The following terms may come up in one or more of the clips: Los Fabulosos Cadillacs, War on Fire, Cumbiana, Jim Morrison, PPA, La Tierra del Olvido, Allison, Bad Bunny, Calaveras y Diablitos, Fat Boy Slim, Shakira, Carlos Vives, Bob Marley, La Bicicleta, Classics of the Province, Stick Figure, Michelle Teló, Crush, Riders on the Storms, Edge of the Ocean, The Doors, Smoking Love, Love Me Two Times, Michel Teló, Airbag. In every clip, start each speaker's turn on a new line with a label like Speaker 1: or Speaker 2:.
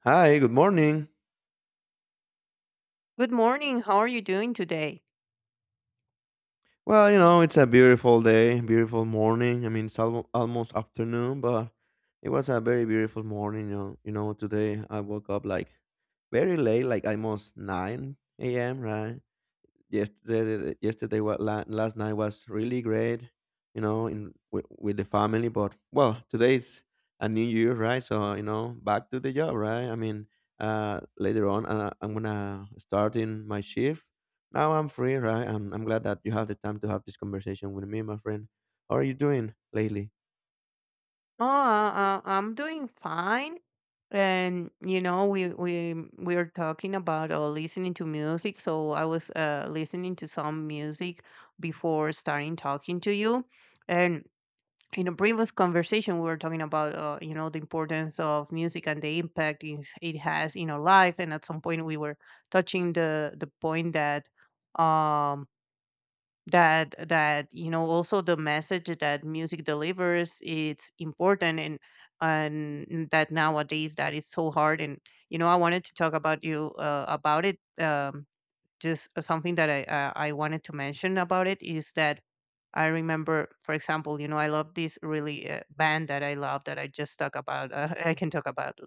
Speaker 1: Hi, good morning.
Speaker 2: Good morning. How are you doing today?
Speaker 1: Well, you know, it's a beautiful day, beautiful morning. I mean, it's almost afternoon, but it was a very beautiful morning. Today I woke up like very late, like almost 9 a.m., right? yesterday yesterday was last night was really great you know with the family. But well, today's a new year, right? So you know, back to the job. Right, I mean, later on I'm gonna start in my shift. Now I'm free, right? I'm glad that you have the time to have this conversation with me, my friend. How are you doing lately?
Speaker 2: Oh, I'm doing fine. And you know, we are talking about listening to music. So I was listening to some music before starting talking to you. And in a previous conversation, we were talking about you know the importance of music and the it has in our life. And at some point, we were touching the point that um that you know also the message that music delivers it's important and that nowadays that is so hard and you know I wanted to talk about you about it just something that I wanted to mention about it is that I remember, for example, you know, I love this really band that I love that I just talk about. I can talk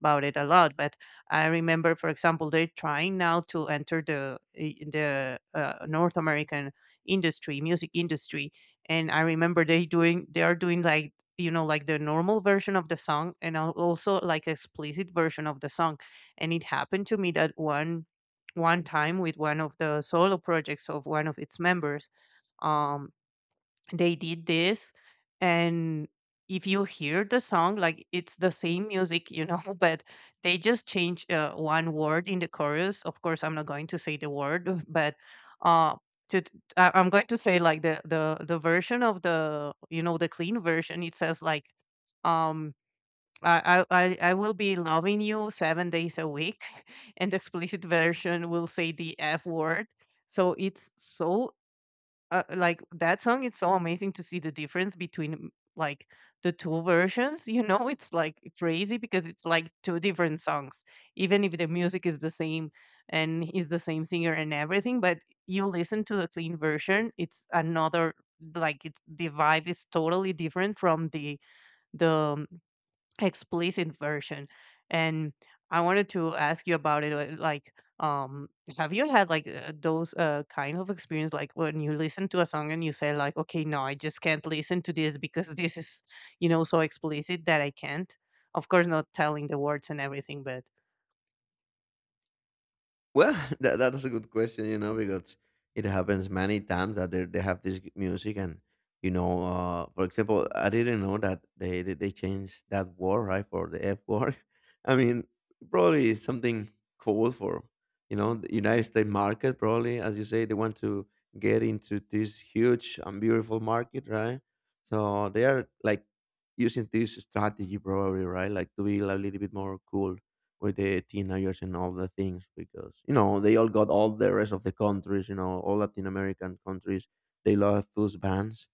Speaker 2: about it a lot, but I remember, for example, they're trying now to enter the North American industry, music industry, and I remember they are doing like you know like the normal version of the song and also like explicit version of the song, and it happened to me that one time with one of the solo projects of one of its members. Um, they did this, and if you hear the song, like it's the same music, you know, but they just change one word in the chorus. Of course, I'm not going to say the word, but uh, I'm going to say like the version of the you know the clean version. It says like um I will be loving you 7 days a week, and the explicit version will say the F word. So it's so like that song. It's so amazing to see the difference between like the two versions. You know, it's like crazy because it's like two different songs, even if the music is the same and is the same singer and everything. But you listen to the clean version, it's another like it's the vibe is totally different from the explicit version. And I wanted to ask you about it um have you had like those kind of experience, like when you listen to a song and you say like, okay, no, I just can't listen to this because this is you know so explicit that I can't, of course not telling the words and everything but
Speaker 1: Well, That's a good question, you know, because it happens many times that they have this music. And you know, for example, I didn't know that they changed that word, right, for the F word. I mean, probably it's something cool for, you know, the United States market. Probably, as you say, they want to get into this huge and beautiful market, right? So they are like using this strategy, probably, right? Like to be a little bit more cool with the teenagers and all the things, because you know, they all got, all the rest of the countries, you know, all Latin American countries, they love those bands.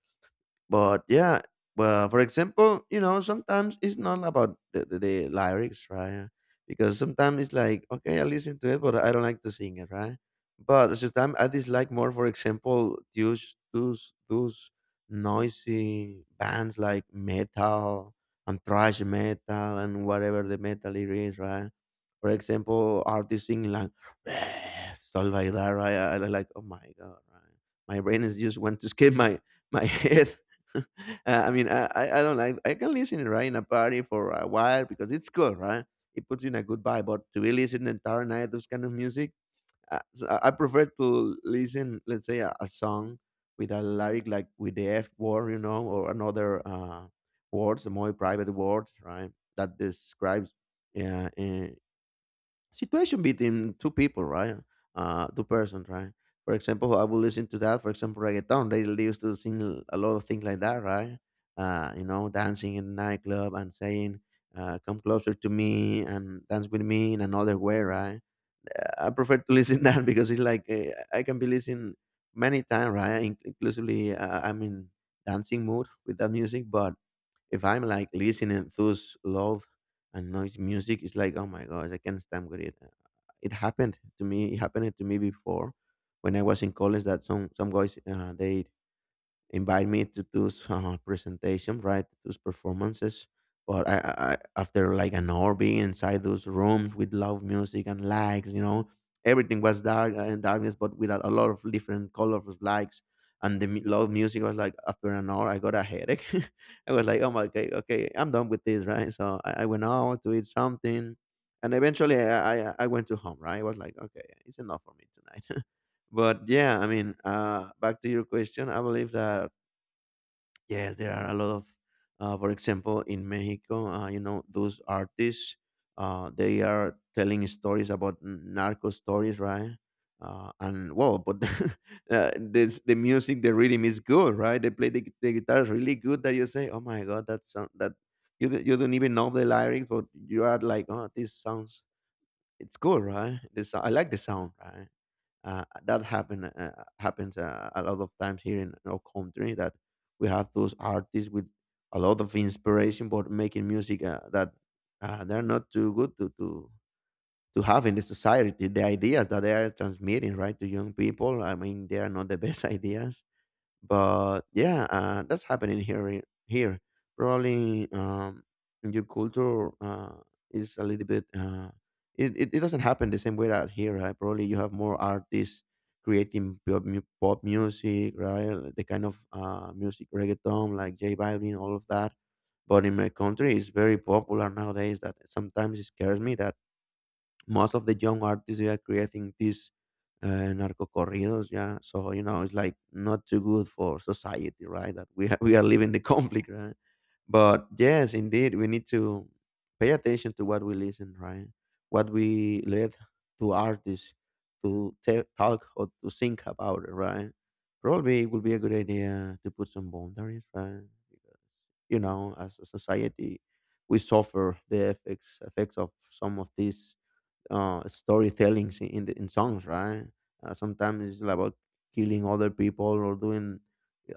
Speaker 1: But yeah, well, for example, you know, sometimes it's not about the lyrics, right? Because sometimes it's like, okay, I listen to it, but I don't like to sing it, right? But sometimes I dislike more, for example, those noisy bands like metal and thrash metal and whatever the metal it is, right? For example, artists singing like stuff like that, right? I like, oh my god, right? My brain is just want to skip my head. I mean, I don't like, I can listen it right in a party for a while because it's cool, right? It puts you in a good vibe, but to be listening the entire night, those kind of music, so I prefer to listen, let's say, a song with a lyric like with the F word, you know, or another words, more private words, right? That describes uh, uh, situation between two people, right? Two persons, right? For example, I will listen to that. For example, reggaeton. They used to sing a lot of things like that, right? You know, dancing in nightclub and saying, "Come closer to me" and dance with me in another way, right? I prefer to listen that, because it's like I can be listening many times, right? Inclusively, I'm in dancing mood with that music. But if I'm like listening to those loud and noise music, it's like, oh my gosh, I can't stand with it. It happened to me. It happened to me before when I was in college, that some guys they invite me to those presentation, right? Those performances. But after like an hour being inside those rooms with loud music and lights, you know, everything was dark and darkness, but with a lot of different colorful lights. And the loud music was like, after an hour, I got a headache. I was like, oh my, okay, okay, I'm done with this, right? So I went out to eat something, and eventually I went to home, right? I was like, okay, it's enough for me tonight. But yeah, I mean, back to your question, I believe that yes, there are a lot of, for example, in Mexico, you know, those artists, they are telling stories about narco stories, right? And well, but this the music, the rhythm is good, right? They play the, the guitars really good. That you say, oh my god, that sound, that you you don't even know the lyrics, but you are like, oh, this sounds, it's cool, right? This, I like the sound, right? That happens a lot of times here in our country, that we have those artists with a lot of inspiration, but making music that they're not too good to have in the society. The ideas that they are transmitting, right, to young people, I mean, they are not the best ideas. But yeah, that's happening here. Here, probably in your culture is a little bit. It it doesn't happen the same way out here, right? Probably you have more artists creating pop, pop music, right? Like, the kind of music reggaeton like J Balvin, all of that. But in my country, it's very popular nowadays, that sometimes it scares me that most of the young artists, they are creating these narco corridos. Yeah, so you know, it's like not too good for society, right? That we are living the conflict, right? But yes, indeed, we need to pay attention to what we listen, right? What we let to artists to talk or to think about, right? Probably it would be a good idea to put some boundaries, right? Because, you know, as a society, we suffer the effects of some of these storytellings in the, in songs, right? Sometimes it's about killing other people or doing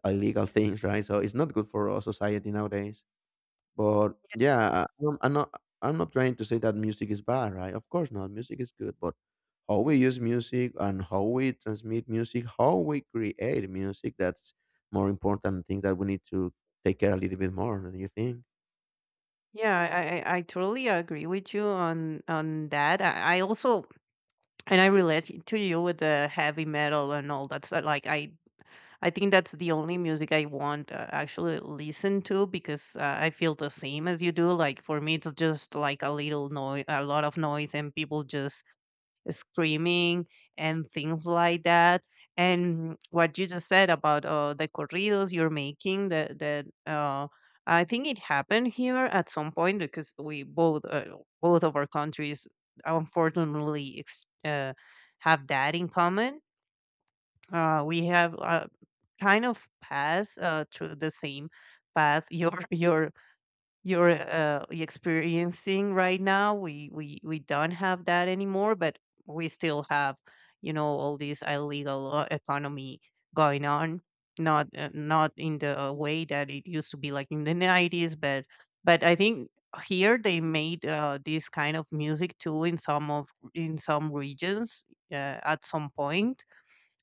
Speaker 1: illegal things, right? So it's not good for our society nowadays. But yeah, I'm not trying to say that music is bad, right? Of course not. Music is good, but how we use music and how we transmit music, how we create music, that's more important thing that we need to take care a little bit more. Do you think?
Speaker 2: yeah. I totally agree with you on I also. And I relate to you with the heavy metal and all that. I think that's the only music I want actually listen to because I feel the same as you do. Like for me, it's just like a little noise, a lot of noise, and people just screaming and things like that. And what you just said about the corridos you're making, that that I think it happened here at some point because we both both of our countries unfortunately have that in common. We have kind of passed through the same path. Your your you're experiencing right now. We don't have that anymore, but we still have you know all this illegal economy going on, not in the way that it used to be like in the 90s. But I think here they made this kind of music too in some of in some regions at some point.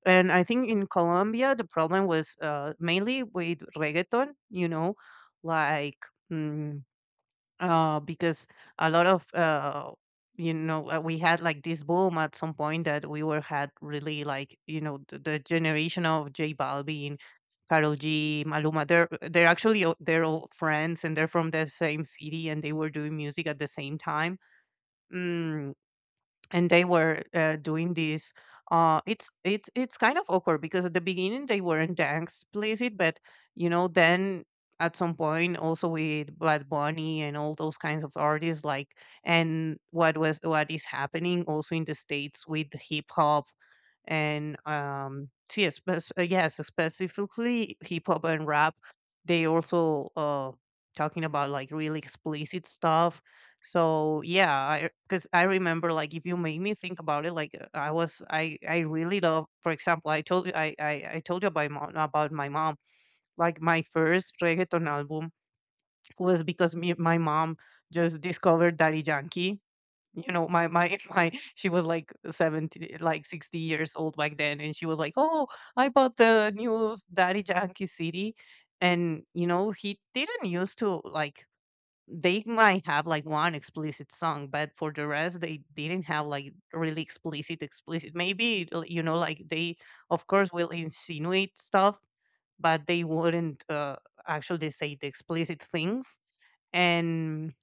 Speaker 2: And I think in Colombia the problem was mainly with reggaeton, you know, like mm, because a lot of you know we had like this boom at some point that we were had really, like, you know, the generation of J Balvin, Karol G, Maluma. They're actually all- they're all friends, and they're from the same city, and they were doing music at the same time. Mm, and they were doing this. It's kind of awkward because at the beginning they weren't explicit, but you know then at some point also with Bad Bunny and all those kinds of artists like, and what is happening also in the states with hip hop and see yes, yes, specifically hip hop and rap, they also talking about like really explicit stuff. So yeah, because I remember like if you make me think about it, like I was I really love. For example, I told you about my mom, about my mom. Like my first reggaeton album was because me my mom just discovered Daddy Yankee. You know, my my, she was like 70, like 60 years old back then, and she was like, "Oh, I bought the new Daddy Yankee CD," and you know he didn't used to like, they might have like one explicit song, but for the rest, they didn't have like really explicit, explicit. You know, like they, of course, will insinuate stuff, but they wouldn't actually say the explicit things. And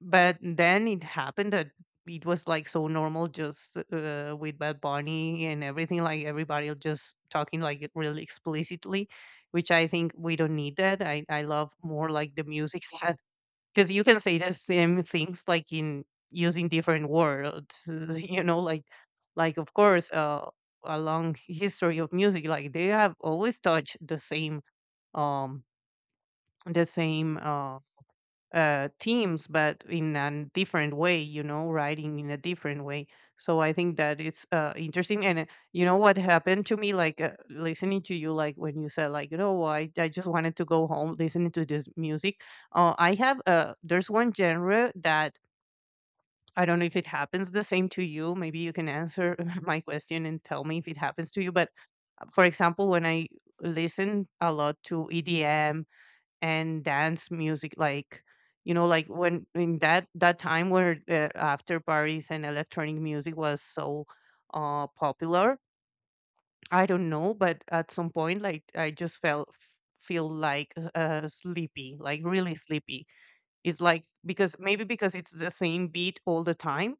Speaker 2: but then it happened that it was like so normal, just with Bad Bunny and everything, like everybody just talking like really explicitly, which I think we don't need that. I love more like the music because you can say the same things like in using different words you know like of course a long history of music like they have always touched the same um the same uh teams, but in a different way, you know, writing in a different way. So I think that it's interesting. And you know what happened to me, like listening to you, like when you said, like, you know, I just wanted to go home listening to this music. I have, there's one genre that I don't know if it happens the same to you. Maybe you can answer my question and tell me if it happens to you. But for example, when I listen a lot to EDM and dance music like, you know, like when in that time where after parties and electronic music was so popular, I don't know, but at some point like I just feel like sleepy, like really sleepy. It's like because maybe because it's the same beat all the time,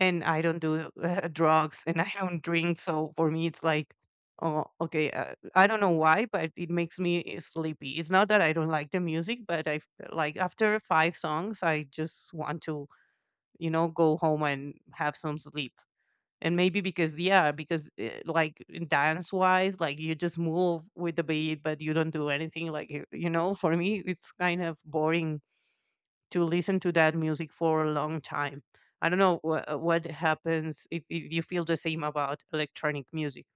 Speaker 2: and I don't do drugs, and I don't drink. So for me, it's like, oh, okay. I don't know why, but it makes me sleepy. It's not that I don't like the music, but like after five songs, I just want to, you know, go home and have some sleep. And maybe because yeah, because like dance wise, like you just move with the beat, but you don't do anything. Like you know, for me, it's kind of boring to listen to that music for a long time. I don't know what happens if you feel the same about electronic music.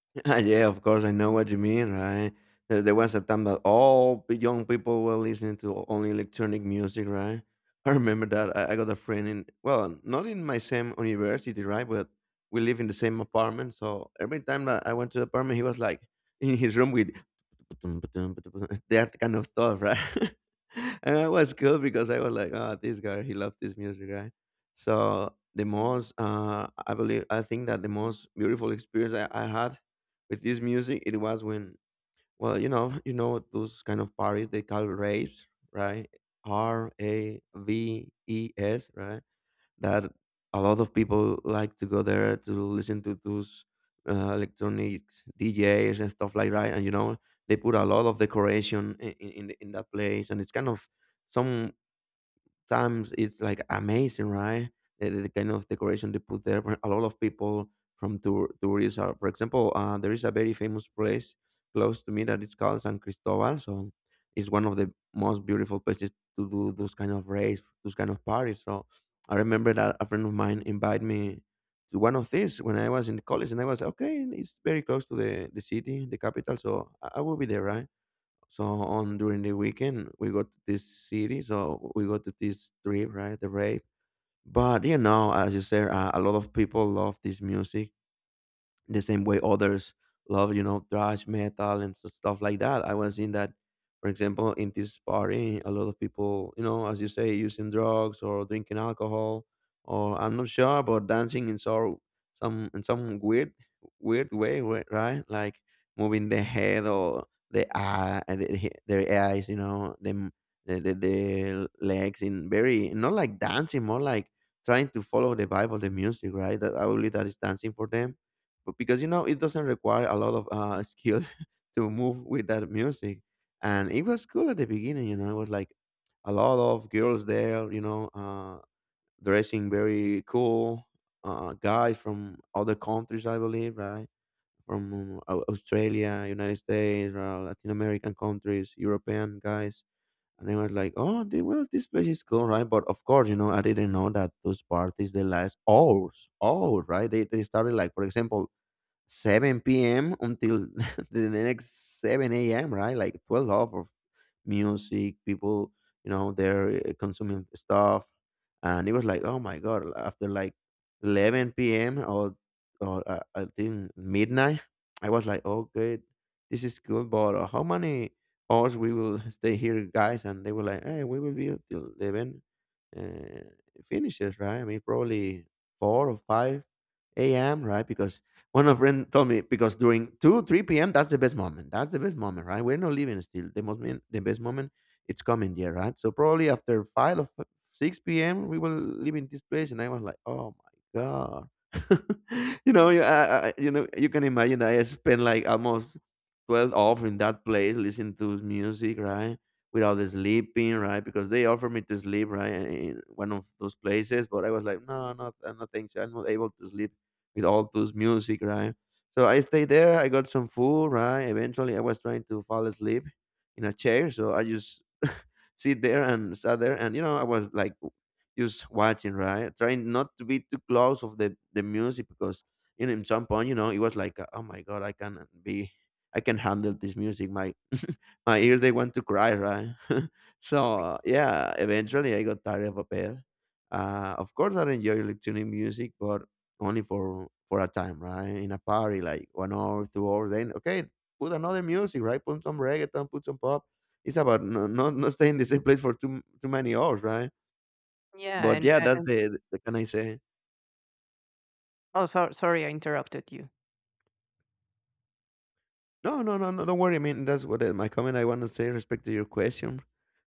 Speaker 1: Ah, yeah, of course, I know what you mean, right? There was a time that all young people were listening to only electronic music, right? I remember that. I got a friend in, well, not in my same university, right? But we live in the same apartment. So every time that I went to the apartment, he was like in his room with that kind of stuff, right? And I was cool because I was like, oh, this guy, he loves this music, right? So the most, I think that the most beautiful experience I had with this music, it was when, well, you know, those kind of parties they call raves, right? R A V E S, right? That a lot of people like to go there to listen to those electronic djs and stuff like that. And you know, they put a lot of decoration in in that place, and it's kind of some times it's like amazing, right? The kind of decoration they put there, where a lot of people from tourists are. For example, there is a very famous place close to me that is called San Cristobal. So it's one of the most beautiful places to do those kind of race, those kind of parties. So I remember that a friend of mine invited me to one of these when I was in college, and I was like, okay. It's very close to the city, the capital, so I will be there, right? So on during the weekend, we go to this city, so we go to this trip, right? The rave. But you know, as you said, a lot of people love this music the same way others love, you know, thrash metal and stuff like that. I was in that, for example, in this party, a lot of people, you know, as you say, using drugs or drinking alcohol, or I'm not sure, but dancing in sort some in some weird way, right? Like moving the head or the eye, and the, their eyes, you know, them the legs in very not like dancing, more like trying to follow the vibe of the music, right? That I believe that is dancing for them. But because you know, it doesn't require a lot of skill to move with that music. And it was cool at the beginning, you know, it was like a lot of girls there, you know, dressing very cool, guys from other countries, I believe, right? From Australia, United States, Latin American countries, European guys. And they was like, oh, they, well this place is cool, right? But of course, you know, I didn't know that those parties they last hours, right? They started like, for example, 7 p.m. until the next 7 a.m., right? Like 12 hours of music, people, you know, they're consuming stuff. And it was like, oh my God, after like 11 p.m. or I think midnight. I was like, okay, this is good, but how many hours we will stay here, guys? And they were like, hey, we will be until 11 uh, finishes, right? I mean, probably 4 or 5 a.m., right? Because one of friend told me because during 2, 3 p.m. that's the best moment. That's the best moment, right? We're not leaving still. The best moment it's coming there, right? So probably after five or six p.m. we will leave in this place, and I was like, oh my god, you know, you know, you can imagine I spent like almost 12 off in that place listening to music, right? Without the sleeping, right? Because they offered me to sleep, right, in one of those places, but I was like, no, no, no, thanks. I'm not able to sleep with all those music, right? So I stayed there. I got some food, right? Eventually, I was trying to fall asleep in a chair, so I just sit there and sat there, and you know, I was like just watching, right? Trying not to be too close of the music because you know, in some point, you know, it was like, oh my god, I can be, I can handle this music. My my ears they want to cry, right? so yeah, eventually I got tired of a bit. Of course, I enjoy electronic music, but only for a time, right? In a party, like 1 hour, 2 hours, then okay, put another music, right? Put some reggaeton, put some pop. It's about no, not staying the same place for too many hours, right?
Speaker 2: Yeah,
Speaker 1: But yeah, that's the can I say?
Speaker 2: oh, so, sorry, I interrupted you.
Speaker 1: No, no, no, no. Don't worry. I mean, that's what my comment. I want to say respect to your question,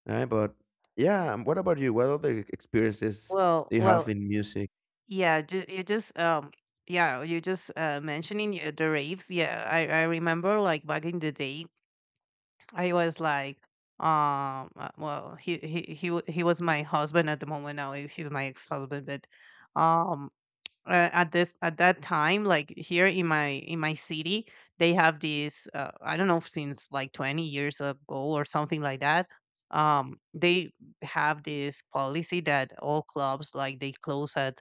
Speaker 1: right? But yeah, what about you? What other experiences
Speaker 2: Well,
Speaker 1: do you have
Speaker 2: well,
Speaker 1: in music?
Speaker 2: yeah, you just yeah, you just mentioning the raves. Yeah, I remember like back in the day, I was like, well, he was my husband at the moment. Now he's my ex husband. But um at this at that time, like, here in my city, they have these I don't know, since like 20 years ago or something like that. They have this policy that all clubs, like, they close at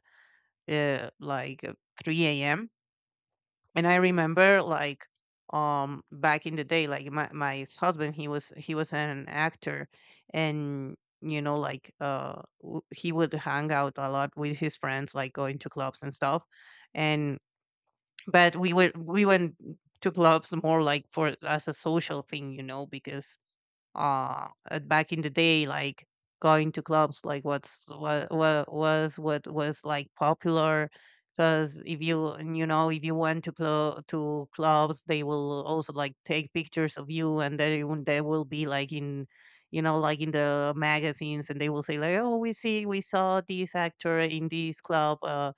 Speaker 2: uh, like uh, 3 a.m. And I remember, like, back in the day, like, my ex-husband, he was an actor, and, you know, like, he would hang out a lot with his friends, like, going to clubs and stuff. And but we went to clubs more like for, as a social thing, you know, because back in the day, like, going to clubs, like, what was, like, popular, because if you and, you know, if you went to clubs, they will also, like, take pictures of you, and they will be like in, you know, like, in the magazines, and they will say, like, oh, we saw this actor in this club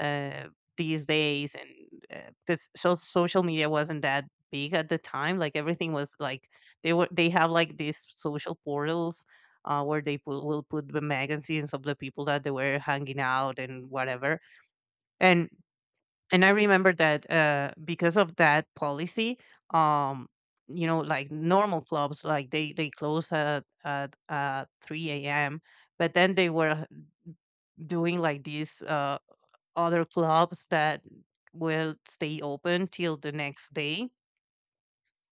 Speaker 2: uh these days. And because social media wasn't that big at the time, like, everything was like, they have like these social portals, where they will put the magazines of the people that they were hanging out and whatever. And and I remember that, because of that policy, um, you know, like, normal clubs, like, they close at 3 a.m. But then they were doing like these other clubs that will stay open till the next day.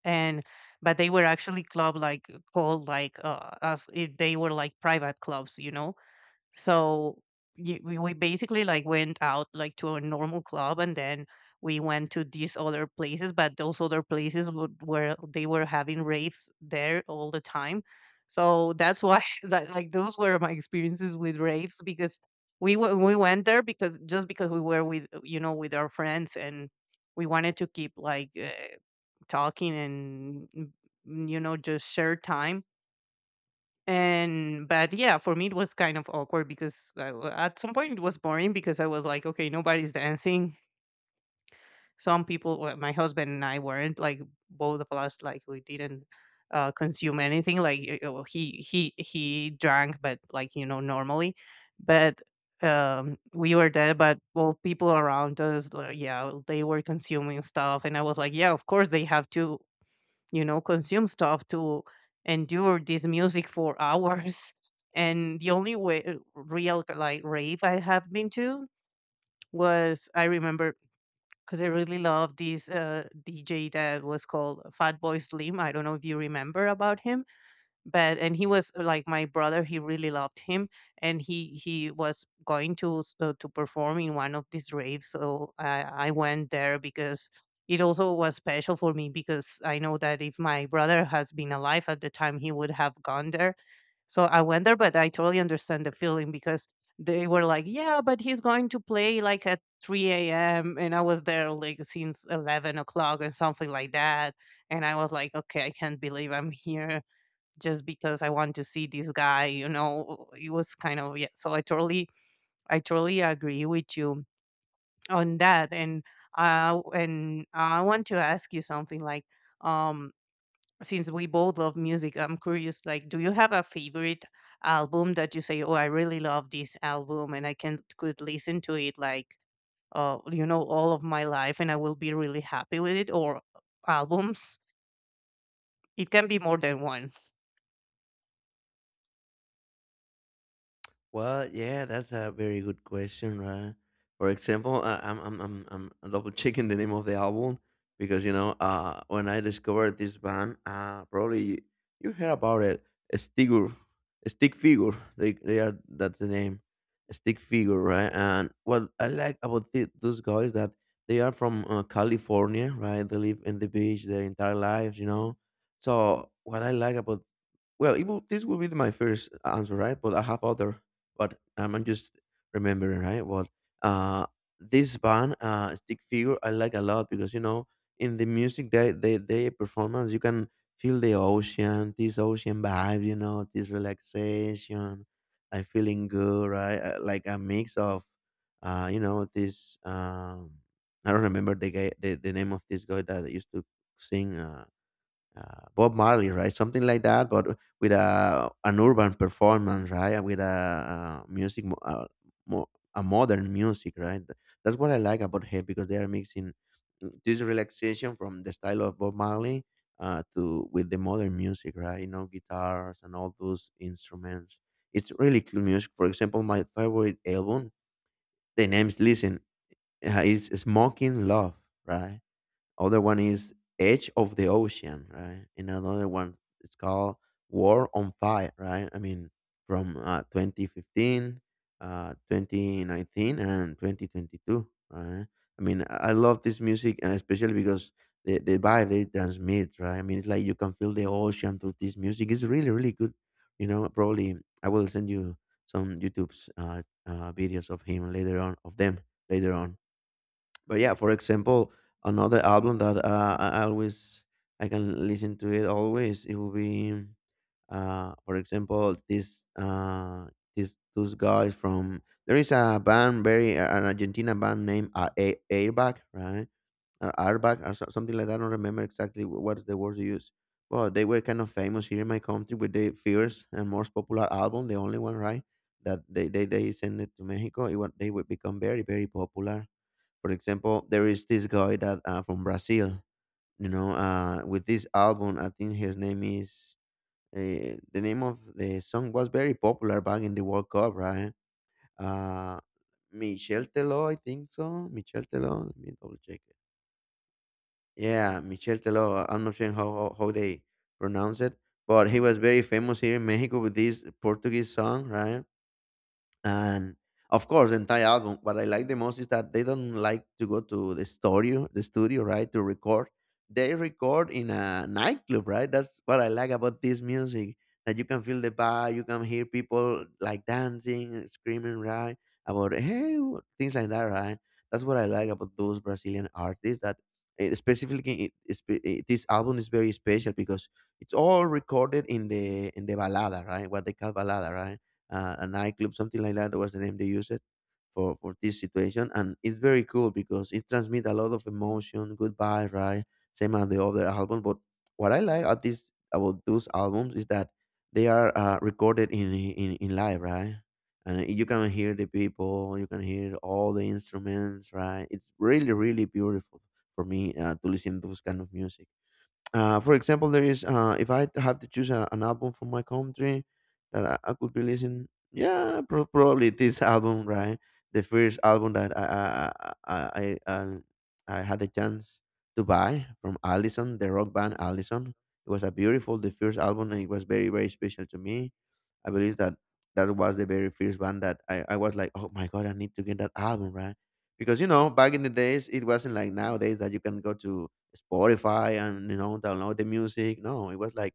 Speaker 2: And but they were actually club, like, called, like, as if they were, like, private clubs, you know. So we basically, like, went out, like, to a normal club, and then we went to these other places, but those other places would, where they were having raves there all the time. So that's why that, like, those were my experiences with raves, because we went there because, just because we were with, you know, with our friends, and we wanted to keep, like, talking, and you know, just share time. And but yeah, for me it was kind of awkward because at some point it was boring, because I was like, okay, nobody's dancing. Some people, well, my husband and I weren't like, both of us, like, we didn't consume anything. Like, well, he drank, but, like, you know, normally. But we were there, but, well, people around us, like, yeah, they were consuming stuff, and I was like, yeah, of course they have to, you know, consume stuff to endure this music for hours. And the only way, real, like, rave I have been to was, I remember, because I really loved this DJ that was called Fat Boy Slim. I don't know if you remember about him, but and he was like, my brother, he really loved him, and he was going to to perform in one of these raves, so I went there because it also was special for me because I know that if my brother has been alive at the time he would have gone there. So I went there, but I totally understand the feeling because they were like, yeah, but he's going to play like at 3 a.m. and I was there like since 11 o'clock and something like that, and I was like, okay, I can't believe I'm here just because I want to see this guy, you know. It was kind of, yeah. So I totally agree with you on that. And I want to ask you something, like, um since we both love music, I'm curious, like, do you have a favorite album that you say, "Oh, I really love this album and I can could listen to it like you know, all of my life and I will be really happy with it," or albums? It can be more than one.
Speaker 1: Well, yeah, that's a very good question, right? For example, I, I'm double checking the name of the album because you know, when I discovered this band, probably you heard about it, Stigur, Stick Figure. They are that's the name, a Stick Figure, right? And what I like about those guys that they are from California, right? They live in the beach their entire lives, you know. So what I like about well, it will, this will be my first answer, right? But I have other, but I'm just remembering, right? Well, uh, this band, Stick Figure, I like a lot because you know, in the music they performance, you can feel the ocean, this ocean vibe, you know, this relaxation, like feeling good, right? Like a mix of, you know, this I don't remember the guy, the name of this guy that used to sing. Bob Marley, right? Something like that, but with a an urban performance, right? With a, music, mo- a modern music, right? That's what I like about hip because they are mixing this relaxation from the style of Bob Marley to with the modern music, right? You know, guitars and all those instruments. It's really cool music. For example, my favorite album, the name's Listen, is Smoking Love, right? Other one is Edge of the Ocean, right? And another one it's called War on Fire, right? I mean, from 2015, 2019, and 2022, right? I mean, I love this music, and especially because the vibe they transmit, right? I mean, it's like you can feel the ocean through this music. It's really, really good. You know, probably I will send you some YouTube's videos of him later on, of them later on. But yeah, for example, another album that I always I can listen to it always. It will be, for example, this those guys from there is a band very an Argentina band named Airbag, right? Or Airbag or something like that. I don't remember exactly what is the word they use. But they were kind of famous here in my country with their first and most popular album, the only one, right? That they sent it to Mexico. It, was they would become very very popular for example, there is this guy that from Brazil, you know, with this album. I think his name is the name of the song was very popular back in the World Cup, right? Uh, Michel Teló, I think so. Michel Teló. Let me double check it. Yeah, Michel Teló. I'm not sure how they pronounce it, but he was very famous here in Mexico with this Portuguese song, right? And of course the entire album what I like the most is that they don't like to go to the studio right to record. They record in a nightclub, right? That's what I like about this music, that you can feel the vibe. You can hear people like dancing, screaming, right? About hey things like that, right? That's what I like about those Brazilian artists that specifically it, it's be- eh, this album is very special because it's all recorded in the balada, right? What they call balada, right? A nightclub, something like that was the name they used it for this situation. And it's very cool because it transmits a lot of emotion, goodbye, right? Same as the other album. But what I like at this about those albums is that they are recorded in live, right? And you can hear the people, you can hear all the instruments, right? It's really, really beautiful for me to listen to those kind of music. For example, there is if I have to choose a, an album from my country that I could be listening, yeah, probably this album, right? The first album that I I I, um, I had the chance to buy from Allison, the rock band Allison. It was a beautiful, the first album, and it was very very special to me. I believe that was the very first one that I was like, oh my god, I need to get that album, right? Because you know, back in the days, it wasn't like nowadays that you can go to Spotify and you know download the music. No, it was like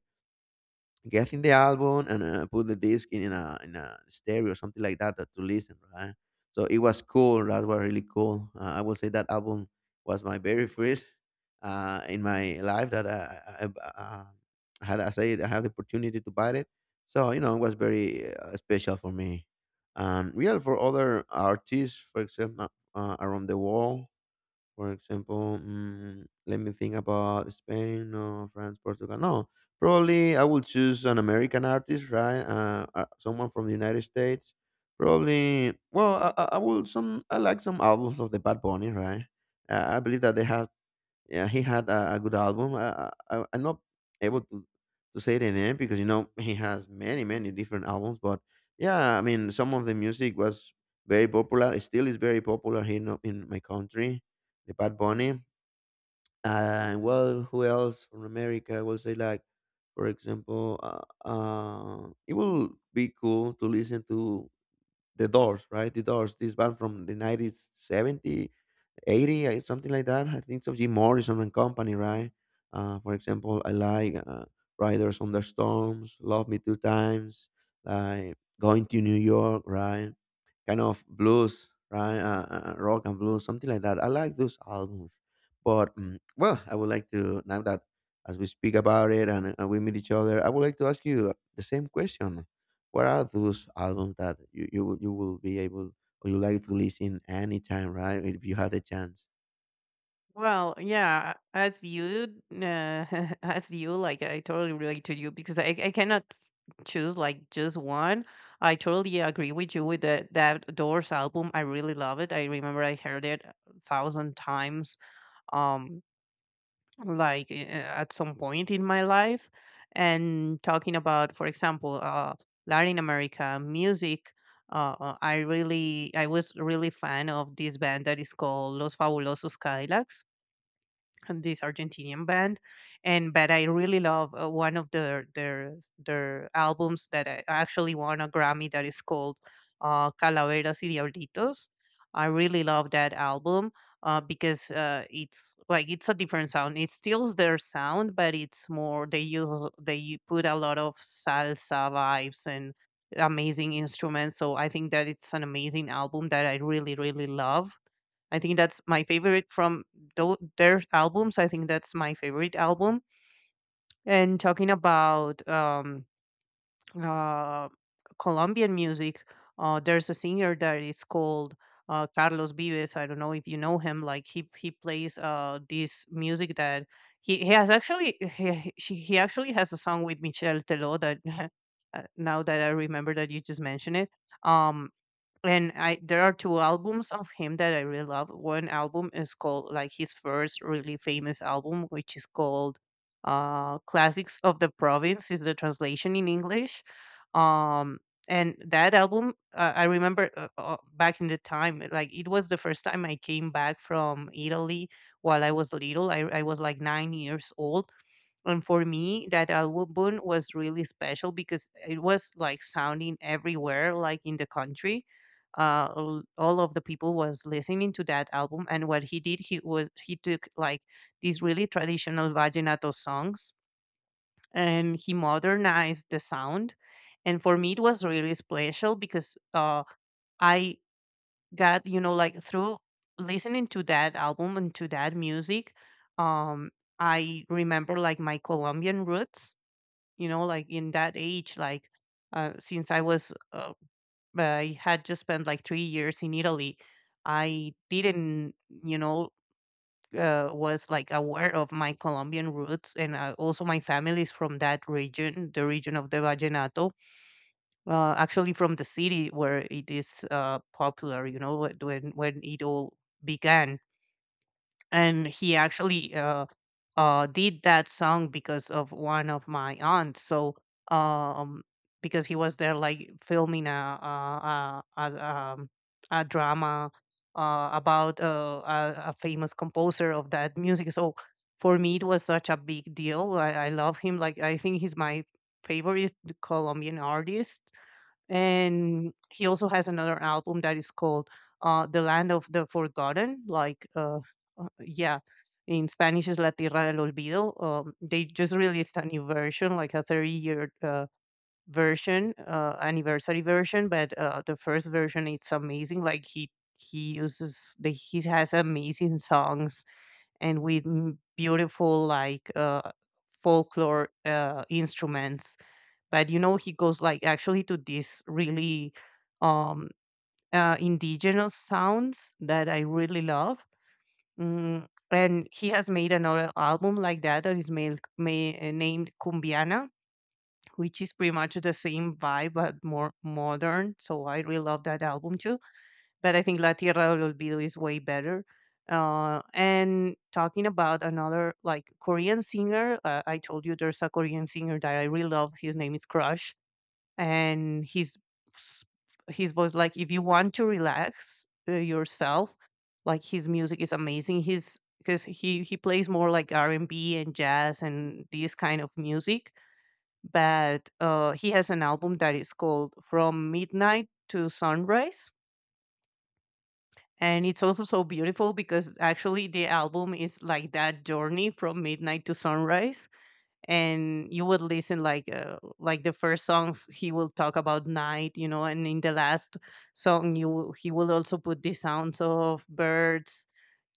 Speaker 1: getting the album and put the disc in a stereo or something like that to listen, right? So it was cool. That was really cool. I will say that album was my very first in my life that I had. I said I had the opportunity to buy it. So you know, it was very special for me. Real for other artists, for example, around the world for example, let me think about Spain no, France, Portugal. No, probably I will choose an American artist, right? Someone from the United States. Probably. Well, I will some. I like some albums of the Bad Bunny, right? I believe that they have yeah, he had a good album. I'm not able to say the name because you know he has many many different albums. But yeah, I mean some of the music was very popular. It still is very popular here in my country. The Bad Bunny. And well, who else from America? I will say like, for example, it will be cool to listen to the Doors, right? The Doors, this band from the 90s, 70 80, something like that. I think it's of Jim Morrison and company, right? For example, I like Riders on the Storms, Love Me Two Times, like Going to New York, right? Kind of blues, right? Rock and blues, something like that. I like those albums. But well, I would like to now that as we speak about it and we meet each other, I would like to ask you the same question. What are those albums that you will be able or you like to listen anytime, right? If you have the chance.
Speaker 2: Well, yeah, as you, like, I totally relate to you because I cannot choose, like, just one. I totally agree with you with the that Doors album. I really love it. I remember I heard it a thousand times, um, like, at some point in my life. And talking about, for example, Latin America music. I was really fan of this band that is called Los Fabulosos Cadillacs, and this Argentinian band. And but I really love one of their albums that I actually won a Grammy, that is called Calaveras y Diablitos. I really love that album, because it's like, it's a different sound. It's still their sound, but it's more, they put a lot of salsa vibes and amazing instruments. So I think that it's an amazing album that I really really love. I think that's my favorite from their albums. I think that's my favorite album. And talking about uh, Colombian music. There's a singer that is called Carlos Vives. I don't know if you know him. Like, he plays this music that he has actually he she- he actually has a song with Michelle Teló that now that I remember that you just mentioned it. Um, and I there are two albums of him that I really love. One album is called, like, his first really famous album, which is called "Classics of the Province" is the translation in English. Um, and that album, I remember, back in the time, like, it was the first time I came back from Italy while I was little. I was like 9 years old, and for me, that album was really special because it was like, sounding everywhere, like, in the country. All of the people was listening to that album, and what he did, he was, he took like these really traditional vallenato songs, and he modernized the sound. And for me, it was really special because I got, you know, like, through listening to that album and to that music, um, I remember, like, my Colombian roots, you know, like, in that age, like, since I was I had just spent like 3 years in Italy. I didn't, you know, was like aware of my Colombian roots, and also my family is from that region, the region of the vallenato, actually from the city where it is popular, you know, when it all began. And he actually did that song because of one of my aunts. So, um, because he was there, like, filming a drama about a famous composer of that music. So for me, it was such a big deal. I love him. Like, I think he's my favorite Colombian artist, and he also has another album that is called "The Land of the Forgotten." Like, yeah, in Spanish is "La Tierra del Olvido." They just released a new version, like a 30-year anniversary version. But the first version, it's amazing. Like, he uses he has amazing songs and with beautiful, like, folklore instruments, but, you know, he goes, like, actually to these really um indigenous sounds that I really love. And he has made another album like that, that is named cumbiana, which is pretty much the same vibe but more modern, so I really love that album too. But I think La Tierra del Olvido is way better. And talking about another, like, Korean singer, I told you there's a Korean singer that I really love. His name is Crush, and s- his voice, like, if you want to relax yourself, like, his music is amazing. He's Because he plays more like r&b and B and jazz and this kind of music, but he has an album that is called From Midnight to Sunrise, and it's also so beautiful because actually the album is like that journey from midnight to sunrise, and you would listen, like, like, the first songs he will talk about night, you know, and in the last song he will also put the sounds of birds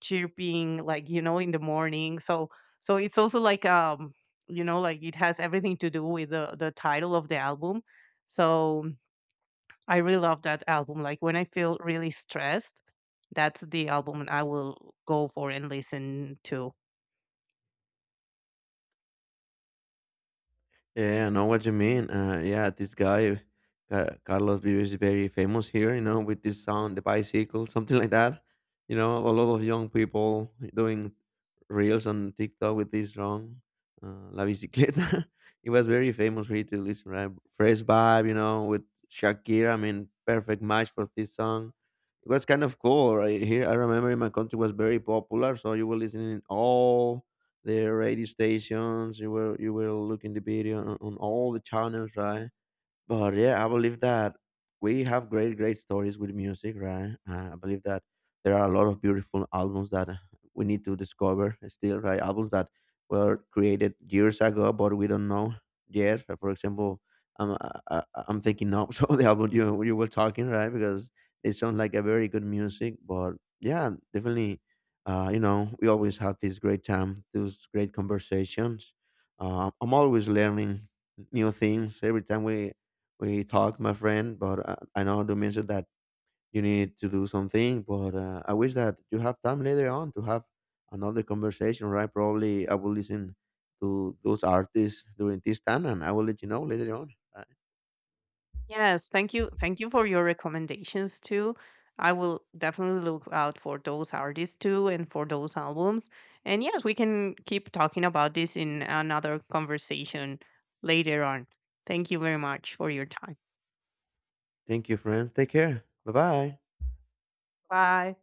Speaker 2: chirping, like, you know, in the morning. So so it's also like, you know, like, it has everything to do with the title of the album. So I really love that album. Like, when I feel really stressed, that's the album I will go for and listen to.
Speaker 1: Yeah, I know what you mean. Yeah, this guy, Carlos Vives, is very famous here, you know, with this sound, the bicycle, something like that. You know, a lot of young people doing reels on TikTok with this song, La Bicicleta. it was very famous for you to listen, right? Fresh vibe, you know, with Shakira. I mean, perfect match for this song. It was kind of cool, right? Here, I remember in my country was very popular, so you were listening all the radio stations. You were looking the video on all the channels, right? But yeah, I believe that we have great, great stories with music, right? I believe that there are a lot of beautiful albums that we need to discover still, right? Albums that were created years ago, but we don't know yet. For example, I'm thinking now, so the album you were talking, right? Because it sounds like a very good music, but yeah, definitely. You know, we always have this great time, those great conversations. I'm always learning new things every time we talk, my friend. But I know you mentioned that you need to do something. But I wish that you have time later on to have another conversation, right? Probably I will listen to those artists during this time, and I will let you know later on.
Speaker 2: Yes, thank you. Thank you for your recommendations too. I will definitely look out for those artists too and for those albums. And yes, we can keep talking about this in another conversation later on. Thank you very much for your time.
Speaker 1: Thank you, friend. Take care. Bye bye.
Speaker 2: Bye.